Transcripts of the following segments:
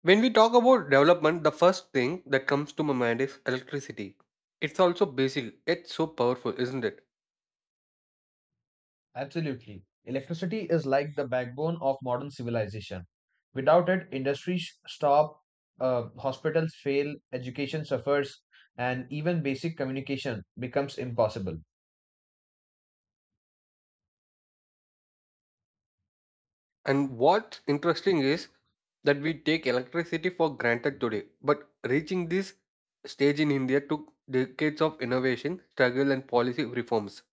When we talk about development, the first thing that comes to my mind is electricity. It's also basic, yet so powerful, isn't it? Absolutely. Electricity is like the backbone of modern civilization. Without it, industries stop, hospitals fail, education suffers, and even basic communication becomes impossible. And what's interesting is that we take electricity for granted today, but reaching this stage in India took decades of innovation, struggle, and policy reforms.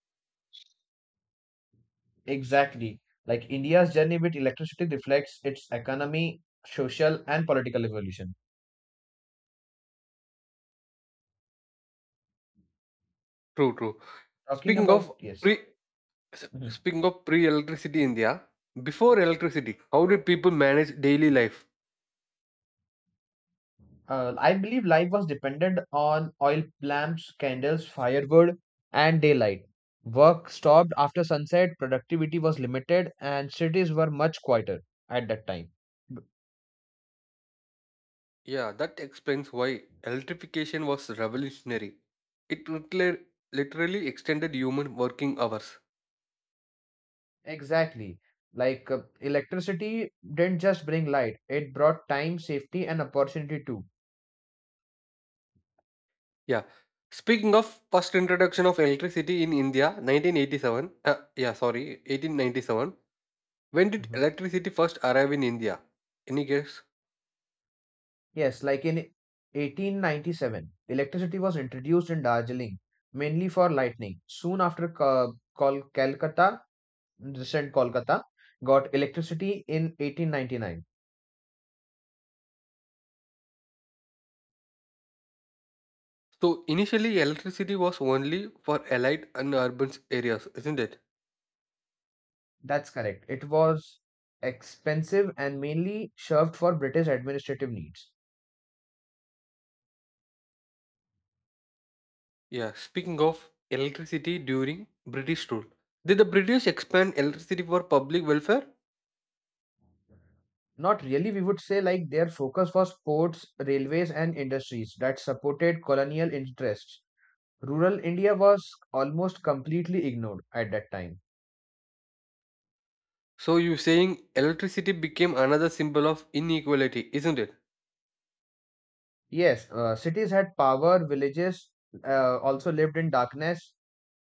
Exactly. Like India's journey with electricity reflects its economy, social, and political evolution. True, true. Talking Speaking about, of yes. pre, s- Mm-hmm. speaking of pre-electricity India, before electricity, how did people manage daily life? I believe life was dependent on oil lamps, candles, firewood, and daylight. Work stopped after sunset, productivity was limited, and cities were much quieter at that time. B- Yeah, that explains why electrification was revolutionary. It literally extended human working hours. Exactly. Like electricity didn't just bring light, it brought time, safety, and opportunity too. Yeah. Speaking of first introduction of electricity in India, 1987. Yeah, sorry, 1897. When did Mhm. electricity first arrive in India? Any guess? Yes, like in 1897, electricity was introduced in Darjeeling, mainly for lighting. Soon after Calcutta, recent Kolkata, got electricity in 1899. So initially, electricity was only for allied and urban areas, isn't it? That's correct. It was expensive and mainly served for British administrative needs. Yeah. Speaking of electricity during British rule, did the British expand electricity for public welfare? Not really, we would say like their focus was ports, railways, and industries that supported colonial interests. Rural India was almost completely ignored at that time. So you're saying electricity became another symbol of inequality, isn't it? Yes, cities had power, villages also lived in darkness,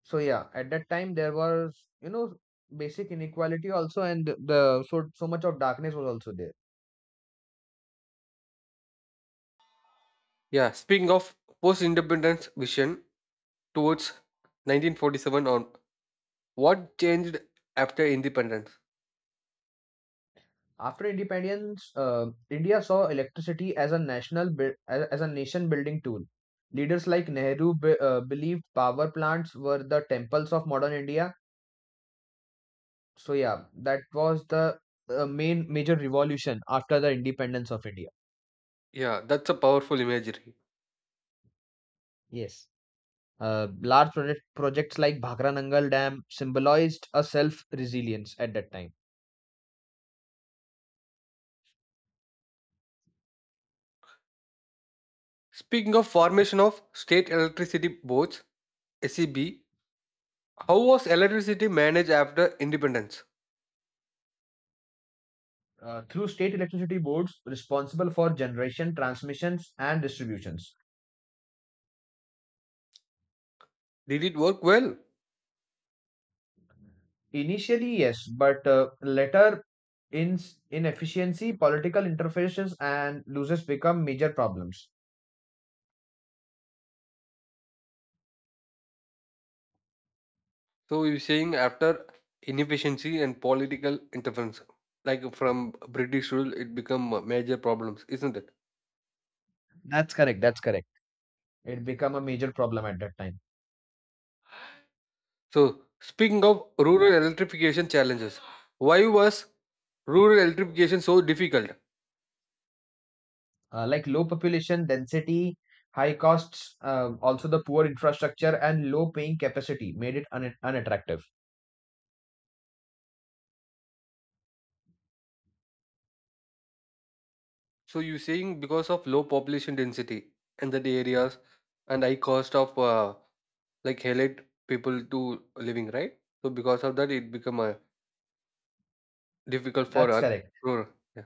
so yeah, at that time there was, you know, basic inequality also, and the so much of darkness was also there. Yeah, speaking of post-independence vision towards 1947, on what changed after independence. After independence, India saw electricity as a as a nation building tool. Leaders like Nehru believed power plants were the temples of modern India. So yeah, that was the main major revolution after the independence of India. Yeah, that's a powerful imagery. Yes, large projects like Bhakra Nangal Dam symbolized a self resilience at that time. Speaking of formation of state electricity boards, SEB, how was electricity managed after independence? Through state electricity boards responsible for generation, transmissions, and distributions. Did it work well? Initially, yes, but later, in inefficiency, political interferences, and losses become major problems. So you're saying after inefficiency and political interference, like from British rule, it become major problems, isn't it? That's correct. That's correct. It become a major problem at that time. So, speaking of rural electrification challenges, why was rural electrification so difficult? Like low population density, high costs, also the poor infrastructure and low paying capacity made it unattractive. So, you're saying because of low population density in that areas and high cost of like elite people to living, right? So, because of that, it become difficult for That's correct. rural. Yeah.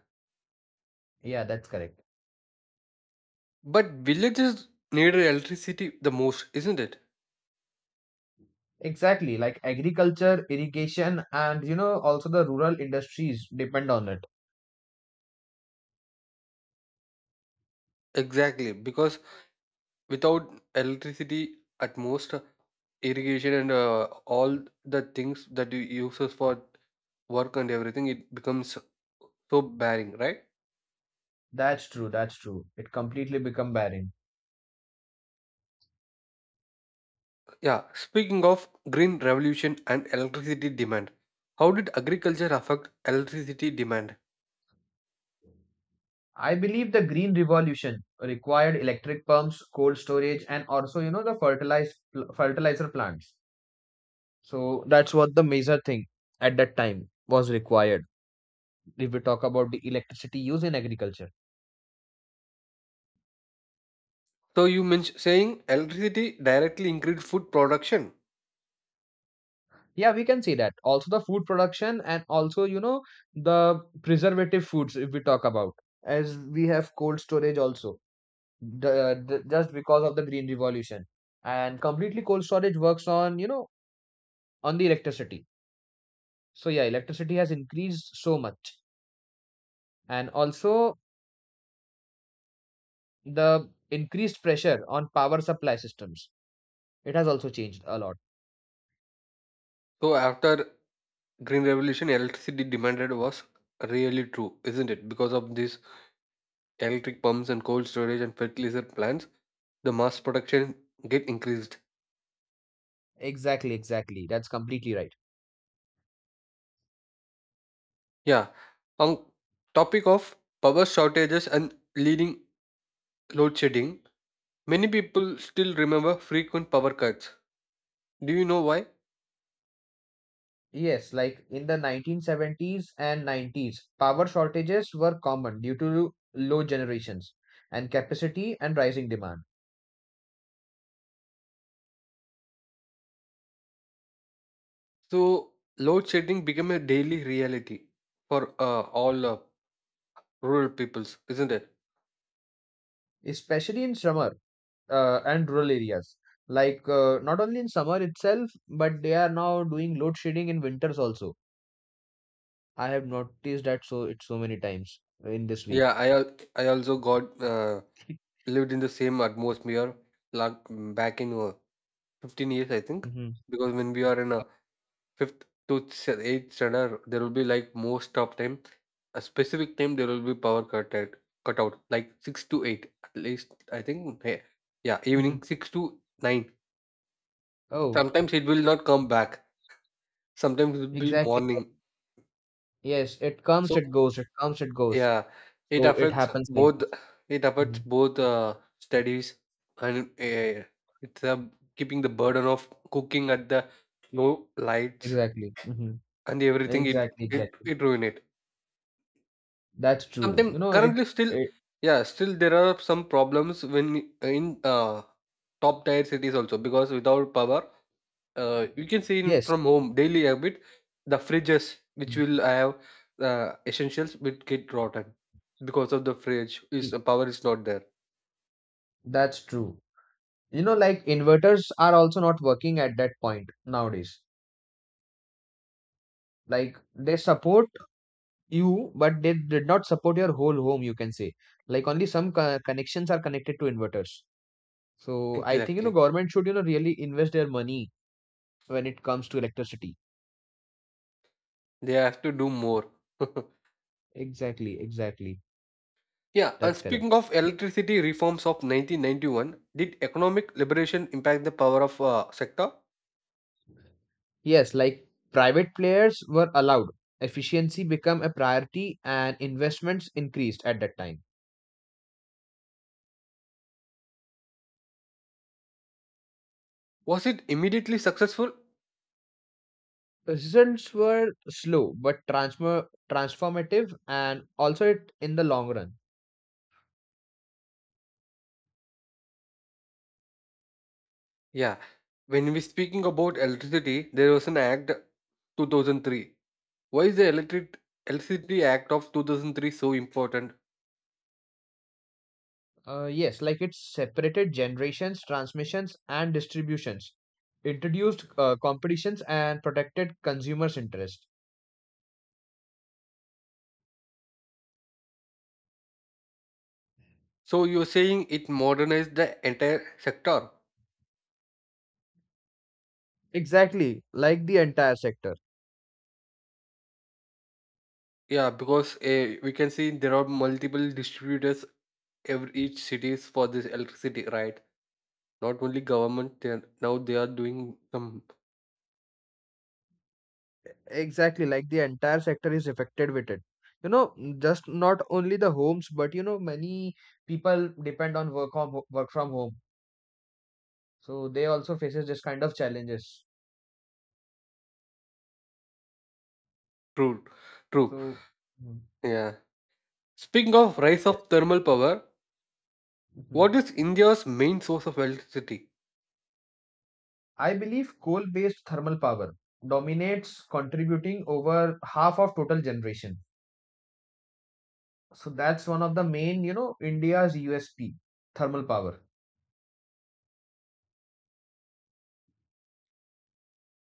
Yeah, that's correct. But villages need electricity the most, isn't it? Exactly, like agriculture, irrigation, and, you know, also the rural industries depend on it. Exactly, because without electricity at most irrigation and all the things that you uses for work and everything, it becomes so barren, right? That's true, that's true. It completely become barren. Yeah, speaking of green revolution and electricity demand, how did agriculture affect electricity demand? I believe the green revolution required electric pumps, cold storage, and also, you know, the fertilizer plants. So that's what the major thing at that time was required. If we talk about the electricity used in agriculture. So you mentioned saying electricity directly increased food production. Yeah, we can see that also the food production, and also, you know, the preservative foods, if we talk about, as we have cold storage also, just because of the green revolution, and completely cold storage works on, you know, on the electricity. So yeah, electricity has increased so much, and also the increased pressure on power supply systems, it has also changed a lot. So after green revolution, electricity demanded was really true, isn't it, because of these electric pumps and cold storage and fertilizer plants, the mass production get increased. Exactly, exactly, that's completely right. Yeah. On topic of power shortages and leading load shedding, many people still remember frequent power cuts. Do you know why? Yes, like in the 1970s and 90s, power shortages were common due to low generations and capacity and rising demand, So load shedding became a daily reality for all rural peoples, isn't it? especially in summer and rural areas. Like not only in summer itself, but they are now doing load shedding in winters also. I have noticed that so it so many times in this week. Yeah, I also got lived in the same atmosphere like back in 15 years, I think, Hmm. because when we are in a fifth to eighth standard, there will be like most of time, a specific time there will be power cut at cut out like six to eight at least. I think yeah, Hmm. evening six to nine. Oh, Sometimes it will not come back. Sometimes it will be exactly. morning. Yes, it comes, So it goes, it comes, it goes. yeah, it So it affects happens like both. this. It Hmm. affects both studies and it's keeping the burden of cooking at the no lights Exactly. Mhm. and everything. It Exactly, it exactly. it ruin it. That's true. You Sometime know, it, currently still it yeah, still there are some problems when we- in top tier cities also, because without power, you can see in yes. from home daily habit the fridges which Mm. will have essentials will get rotten because of the fridge is E- the power is not there. that's true. You know, like inverters are also not working at that point nowadays. Like they support you, but they did not support your whole home, you can say. Like only some connections are connected to inverters. So I think, you know, Exactly. government should, you know, really invest their money when it comes to electricity. They have to do more. Exactly, exactly. Yeah, and That's correct. speaking of electricity reforms of 1991, did economic liberation impact the power of sector? Yes, like private players were allowed. Efficiency became a priority and investments increased at that time. Was it immediately successful? Results were slow but transfer transformative, and also it in the long run. Yeah, when we speaking about electricity, there was an act 2003. Why is the electricity act of 2003 so important? Yes, like it separated generations, transmissions, and distributions, introduced competitions, and protected consumers' interest. So you're saying it modernized the entire sector? Exactly, like the entire sector. Yeah, because we can see there are multiple distributors every each cities for this electricity, right? Not only government, they are, now they are doing some Exactly, like the entire sector is affected with it. You know, just not only the homes, but, you know, many people depend on work from home, so they also faces this kind of challenges. true, true. So, mm, Yeah. Speaking of rise yes. of thermal power, Mhm. what is India's main source of electricity? I believe coal-based thermal power dominates, contributing over half of total generation. So that's one of the main, you know, India's USP, thermal power.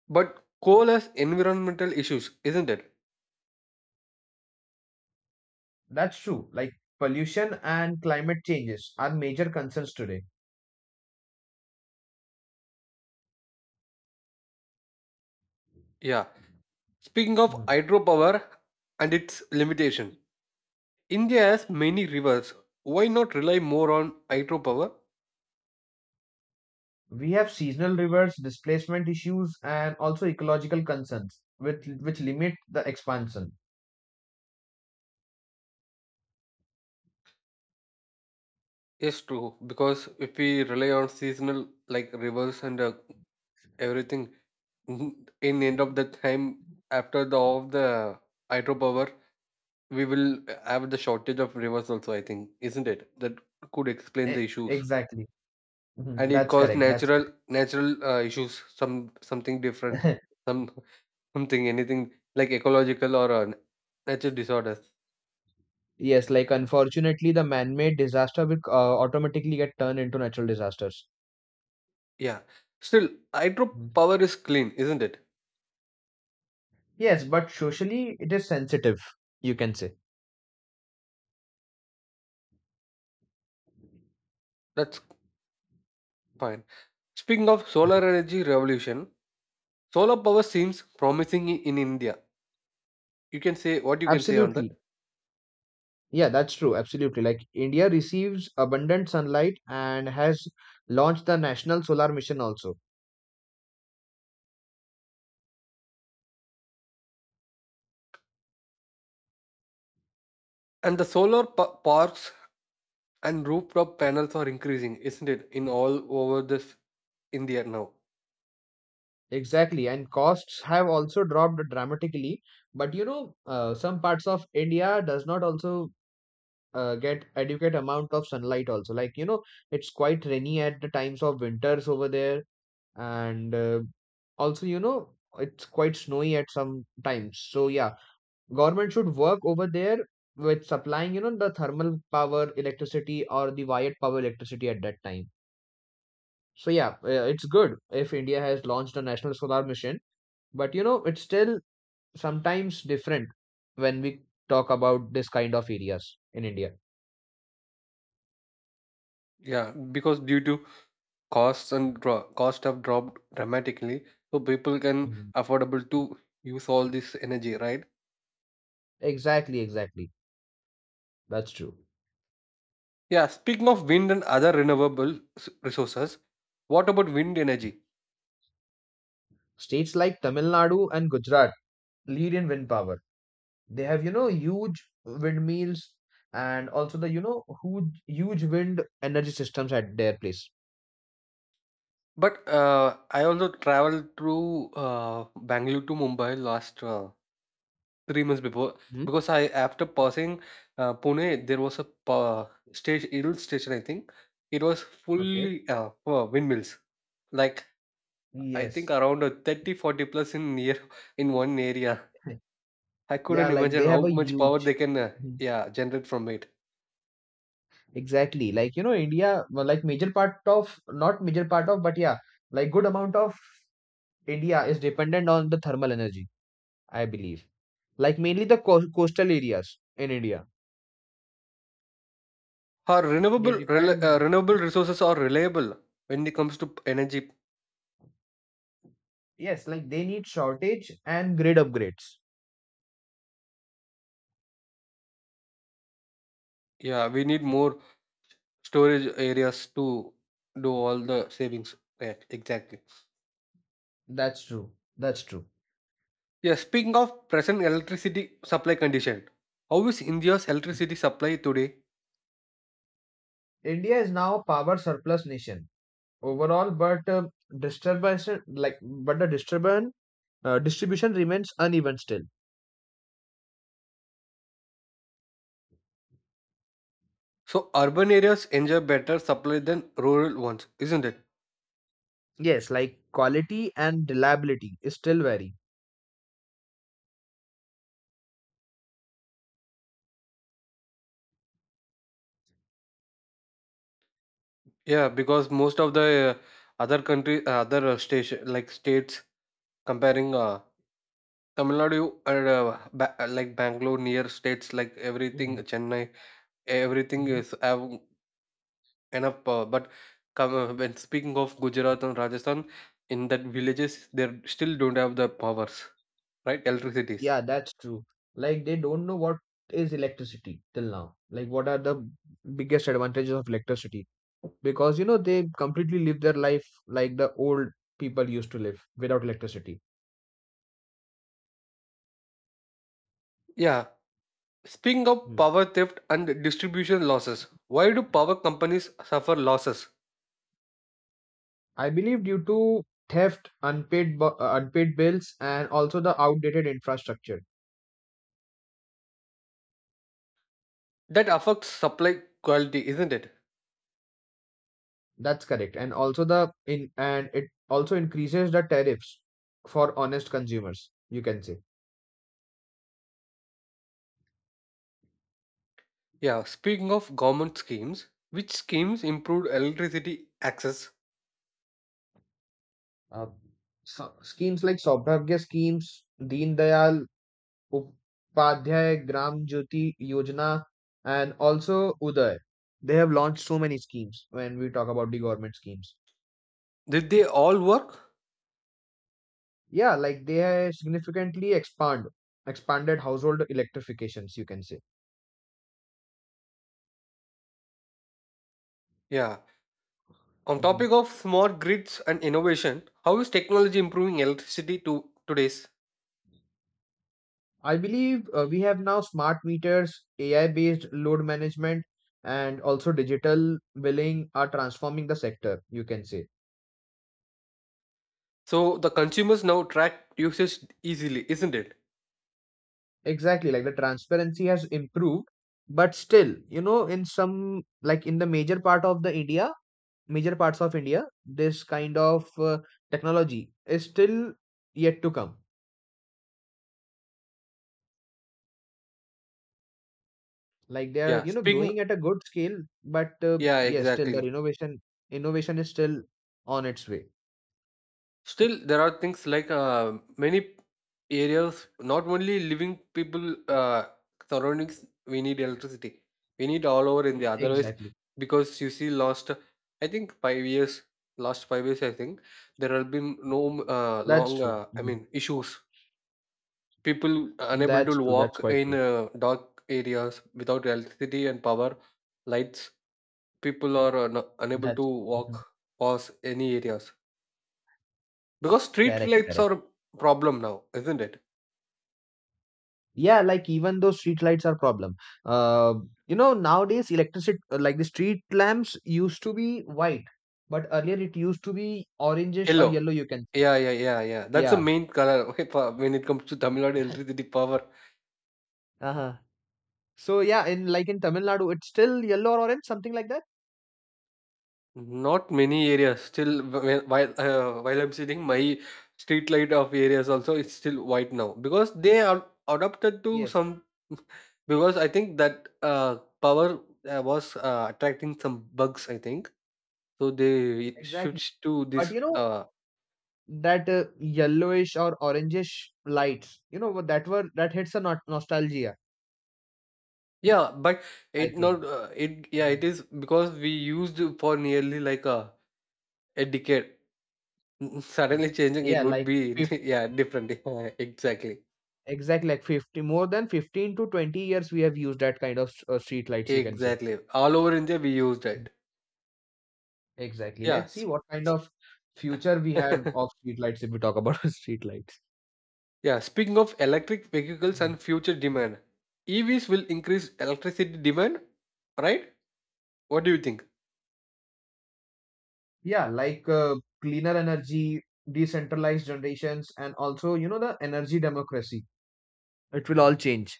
But coal has environmental issues, isn't it? That's true. Like pollution and climate changes are major concerns today. Yeah. Speaking of Mhm. hydropower and its limitation, India has many rivers. Why not rely more on hydropower? We have seasonal rivers, displacement issues, and also ecological concerns, which limit the expansion. Yes, true. Because if we rely on seasonal like rivers and everything, in end of the time after the of the hydropower, we will have the shortage of rivers also. I think, isn't it? That could explain the issues. Exactly. Mhm. And it That's caused correct. That's natural issues, some something different, correct. some something anything like ecological or natural disorders. Yes, like unfortunately, the man-made disaster will automatically get turned into natural disasters. Yeah, still Mhm. hydropower is clean, isn't it? Yes, but socially, it is sensitive, you can say. That's fine. Speaking of solar Mhm. energy revolution, solar power seems promising in India. You can say, what you can say on that? Absolutely. Yeah, that's true. Absolutely. Like India receives abundant sunlight and has launched the National Solar Mission also. And the parks and rooftop panels are increasing, isn't it, in all over this India now? Exactly, and costs have also dropped dramatically. But you know, some parts of India does not also get adequate amount of sunlight. Also, like, you know, it's quite rainy at the times of winters over there, and also, you know, it's quite snowy at some times. So yeah, government should work over there with supplying, you know, the thermal power electricity or the wired power electricity at that time. So yeah, it's good if India has launched a national solar mission, but, you know, it's still sometimes different when we talk about this kind of areas in India. Yeah, because due to cost have dropped dramatically, so people can Mhm. affordable to use all this energy, right? Exactly, exactly. That's true. Yeah, speaking of wind and other resources, what about wind energy? States like Tamil Nadu and Gujarat lead in wind power. They have, you know, huge windmills, and also the, you know, huge wind energy systems at their place. But I also traveled through Bangalore to Mumbai last 3 months before, Mhm. because I after passing Pune, there was a uh, station hill station, I think. It was fully Okay. For windmills like I think Yes. around 30, 40 plus in year in one area. I Yeah, couldn't like imagine they how have a much power they huge. can Mhm. yeah generate from it. Exactly. Like, you know, India, well, like not major part of, but yeah, like good amount of India is dependent on the thermal energy, I believe. Like mainly the coastal areas in India. Our They depend, renewable resources are reliable when it comes to energy. yes, like they need shortage and grid upgrades. Yeah, we need more storage areas to do all the savings. Yeah, exactly. That's true. That's true. Yeah, speaking of present electricity supply condition, how is India's electricity supply today? India is now a power surplus nation overall, but disturbance like but the disturbance distribution remains uneven still. So urban areas enjoy better supply than rural ones, isn't it? Yes, like quality and reliability is still vary. Yeah, because most of the other country, other station like states, comparing Tamil Nadu and like Bangalore near states like everything Mhm. Chennai, everything Mhm. is have enough. But when speaking of Gujarat and Rajasthan, in that villages they still don't have the powers, right? Electricities. Yeah, that's true. Like they don't know what is electricity till now. Like what are the biggest advantages of electricity? Because, you know, they completely live their life like the old people used to live without electricity. Yeah. Speaking of Hmm. power theft and distribution losses, why do power companies suffer losses? I believe due to theft, unpaid bills, and also the outdated infrastructure. That affects supply quality, isn't it? That's correct. And also the in and it also increases the tariffs for honest consumers, you can say. Yeah, speaking of government schemes, which schemes improved electricity access? Uh, so schemes like Saubhagya schemes, Deen Dayal Upadhyay Gram Jyoti Yojana, and also Uday. They have launched so many schemes when we talk about the government schemes. Did they all work? Yeah, like they have significantly expanded household electrifications, you can say. Yeah. On Mhm. topic of smart grids and innovation, how is technology improving electricity to today's? I believe we have now smart meters, AI based load management, and also digital billing are transforming the sector, you can say. So the consumers now track usage easily, isn't it? Exactly, like the transparency has improved, but still, you know, in some, like in the major parts of India, this kind of technology is still yet to come. Like they are, Yeah. you know, Speaking growing at a good scale, but yeah, yes, still the exactly. Innovation is still on its way. Still, there are things like many areas, not only living people surroundings, we need electricity. We need all over India. Otherwise, Exactly. because you see, last I think 5 years, last 5 years, I think there have been no That's true. Mhm. Issues. People unable That's to true. That's walk quite in true. Dark areas without electricity and power, lights. People are unable That's to Mhm. walk past any areas because street correct. lights Correct. are a problem now, isn't it? Yeah, like even though street lights are problem. Uh, you know, nowadays electricity like the street lamps used to be white, but earlier it used to be orangish or Yellow. yellow. You can say. Yeah, yeah, yeah, yeah. That's the Yeah. main color. Okay, when it comes to Tamil Nadu electricity power, Uh-huh. So yeah, in like in Tamil Nadu, it's still yellow or orange, something like that. not many areas. Still, while I'm sitting, my street light of areas Uh-huh. also is still white now because they are adopted to Yes, some. Because I think that power was attracting some bugs. I think so. They exactly. switched to But this. you know Uh, that yellowish or orangish lights, you know what that were that hits a not nostalgia, Yeah, but I it think. not it yeah Mhm. it is because we used for nearly like a decade. Mm. Suddenly changing it Yeah, would like be 50, yeah different. Exactly, exactly like 50, more than 15 to 20 years we have used that kind of street lights, you can say. exactly. All over India we used Mm. it. Exactly. Yeah, Let's see what kind of future we have of street lights if we talk about street lights. yeah. Speaking of electric vehicles and future demand, EVs will increase electricity demand, right? What do you think? Yeah, like cleaner energy, decentralized generations, and also, you know, the energy democracy, it will all change.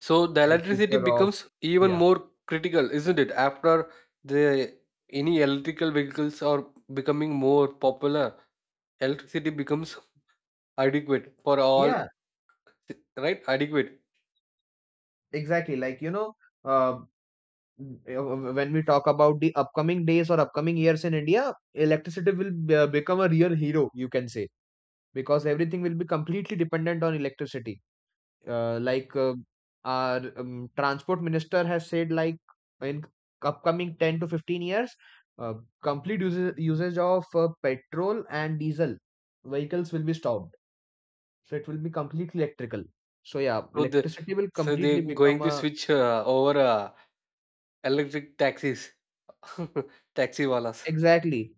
So the The electricity future of, becomes even yeah, more critical, isn't it? After the any electrical vehicles are becoming more popular, electricity becomes adequate for all, yeah, right? Adequate. exactly. Like, you know, uh, when we talk about the upcoming days or upcoming years in India, electricity will become a real hero, you can say, because everything will be completely dependent on electricity. Like our transport minister has said, like, in upcoming 10 to 15 years, uh, usage of petrol and diesel vehicles will be stopped, so it will be completely electrical, so yeah, So the electricity will so they're completely going become to a switch over electric taxis, taxi wallas. exactly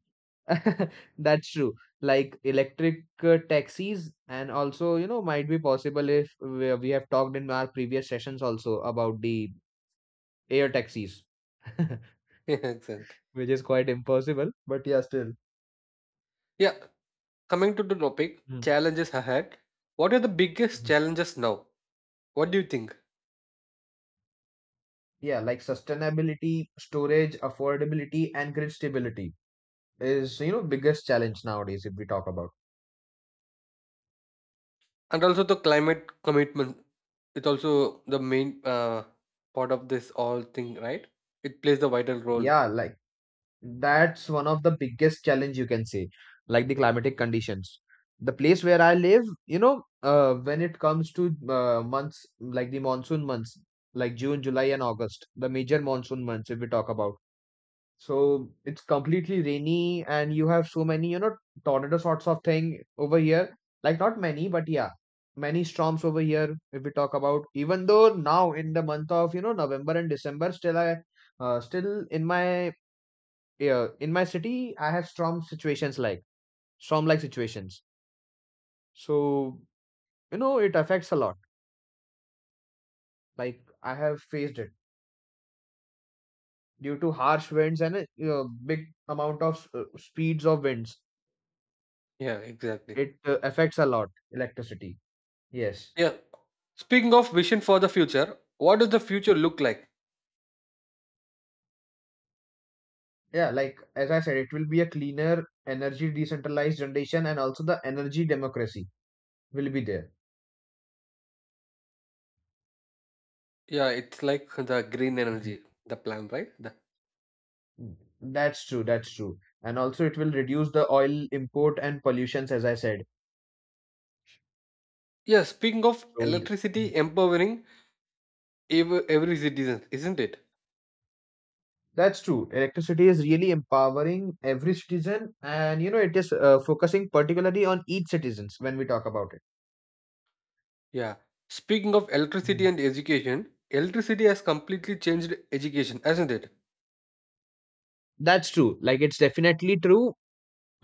that's true, like electric taxis, and also, you know, might be possible if we have talked in our previous sessions also about the air taxis Yeah, excellent. which is quite impossible, but yeah, still. Yeah, coming to the topic, Mhm. challenges ahead. What are the biggest Mhm. challenges now? What do you think? Yeah, like sustainability, storage, affordability, and grid stability is, you know, biggest challenge nowadays if we talk about. And also the climate commitment, it's also the main part of this all thing, right? It plays the vital role. Yeah, like that's one of the biggest challenge you can say, like the climatic conditions. The place where I live, you know, when it comes to months like the monsoon months, like June, July, and August, the major monsoon months if we talk about, so it's completely rainy, and you have so many, you know, tornado sorts of thing over here. Like not many, but yeah, many storms over here. If we talk about, even though now in the month of you know November and December, still I, still in my yeah, in my city, I have storm like situations. So you know it affects a lot. Like I have faced it due to harsh winds and a you know, big amount of speeds of winds. Yeah, exactly. It affects a lot electricity. Yes. Yeah, speaking of vision for the future, what does the future look like? Yeah, like as I said, it will be a cleaner, energy decentralized generation, and also the energy democracy will be there. Yeah, it's like the green Mhm. energy, the plan, right, the, Mm, that's true. That's true. And also, it will reduce the oil import and pollutions, as I said. yeah, speaking of So th- electricity Mhm. empowering every citizen, isn't it? That's true. Electricity is really empowering every citizen, and you know, it is focusing particularly on each citizens when we talk about it. Yeah, speaking of electricity Mhm. and education, electricity has completely changed education, hasn't it? That's true. Like it's definitely true.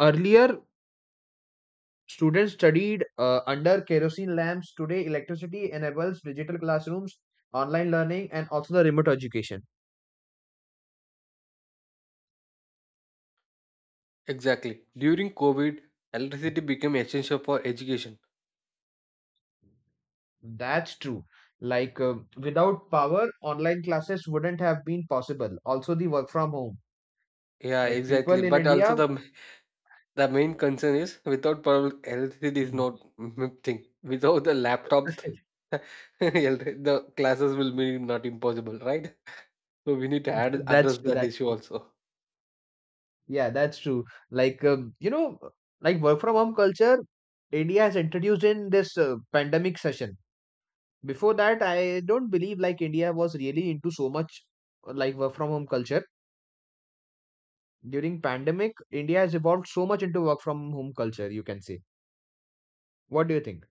Earlier, students studied under kerosene lamps. Today, electricity enables digital classrooms, online learning, and also the remote education. Exactly. During COVID, electricity became essential for education. That's true. Like without power, online classes wouldn't have been possible. Also, the work from home. Yeah, Like people exactly. in But also India, the main concern is without power, electricity is mm. not m- thing. Without the laptop, the classes will be not impossible, right? So we need to That's address true. that That's issue true. also. Yeah, that's true. Like you know, like work from home culture, India has introduced in this pandemic session. Before that, I don't believe like India was really into so much like work from home culture. During pandemic, India has evolved so much into work from home culture, you can say. What do you think?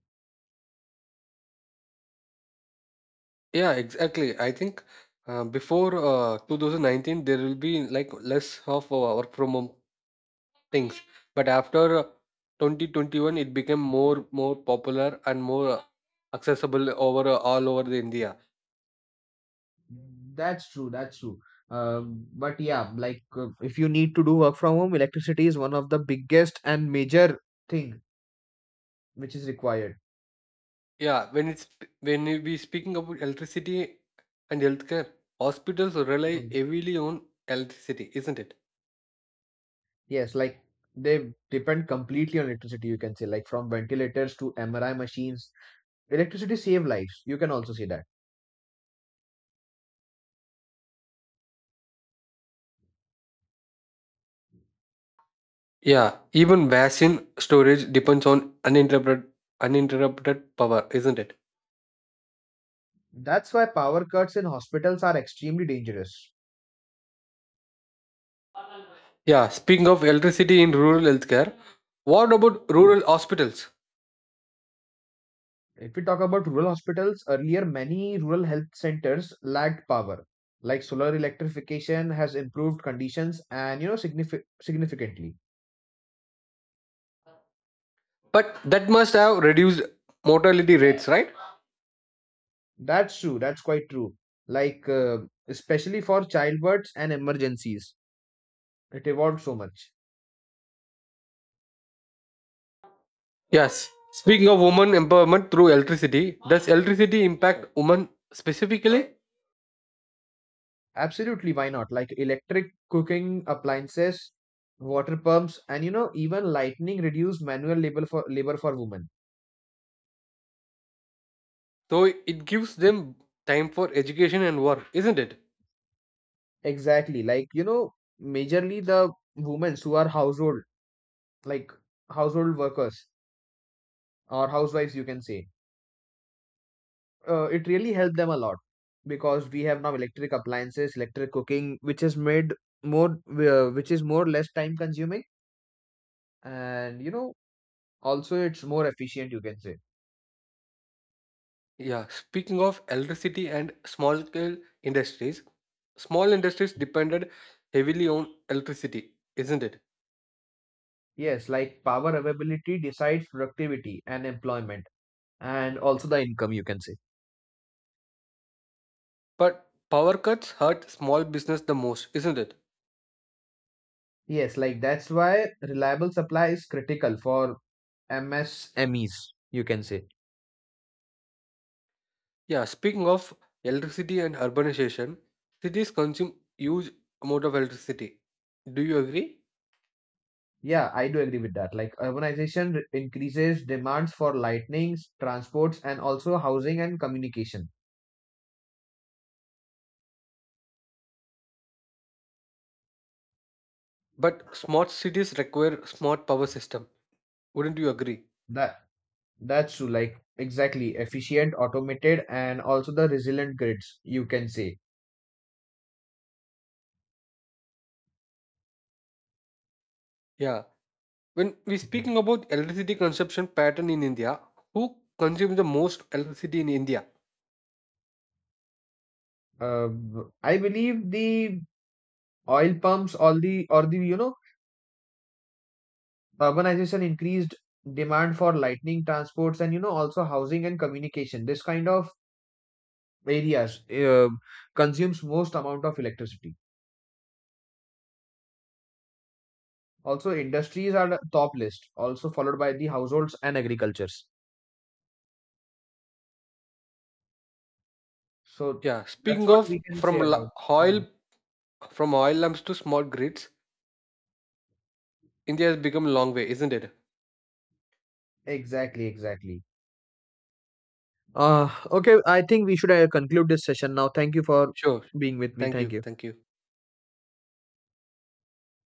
Yeah, exactly. I think before 2019, there will be like less of work from home Things, but after 2021, it became more popular and more accessible over all over the India. That's true. That's true. But yeah, like if you need to do work from home, electricity is one of the biggest and major thing which is required. Yeah, when it's when we speaking about electricity and healthcare, hospitals rely Mhm. heavily on electricity, isn't it? Yes, like they depend completely on electricity, you can say, like from ventilators to MRI machines. Electricity save lives. You can also say that. Yeah, even vaccine storage depends on uninterrupted power, isn't it? That's why power cuts in hospitals are extremely dangerous. Yeah, speaking of electricity in rural healthcare, what about rural hospitals? If we talk about rural hospitals, earlier many rural health centers lacked power. Like solar electrification has improved conditions and you know significantly. But that must have reduced mortality rates, right? That's true. That's quite true. Like especially for childbirths and emergencies, it evolved so much. Yes. Speaking of women empowerment through electricity, does electricity impact women specifically? Absolutely, why not? Like electric cooking appliances, water pumps, and you know even lightning reduced manual labor for women. So it gives them time for education and work, isn't it? Exactly. Like, you know, majorly the women who are household, like household workers or housewives, you can say, it really helped them a lot because we have now electric appliances, electric cooking, which is made which is more less time consuming. And, you know, also it's more efficient, you can say. Yeah. Speaking of electricity and small scale industries, small industries depended heavily on electricity, isn't it? Yes, like power availability decides productivity and employment and also the income, you can say. But power cuts hurt small business the most, isn't it? Yes, like that's why reliable supply is critical for MSMEs, you can say. Yeah. Speaking of electricity and urbanization, cities consume huge amount of electricity. Do you agree? Yeah, I do agree with that. Like increases demands for lightnings, transports, and also housing and communication. But smart cities require smart power system. Wouldn't you agree? That that's true. Like exactly efficient, automated, and also the resilient grids. You can say. Yeah. When we Mhm. speaking about electricity consumption pattern in India, who consumes the most electricity in India? I believe the oil pumps, all the or the you know urbanization increased demand for lightning transports and you know also housing and communication. This kind of areas consumes most amount of electricity. Also, industries are the top list, also followed by the households and agricultures. So Yeah. that's Speaking what of we can say about. Mhm. oil from oil lamps to small grids, India has become a long way, isn't it? Exactly, exactly. Okay, I think we should conclude this session now. Thank you for Sure. being with me. Thank Thank you. you. Thank you.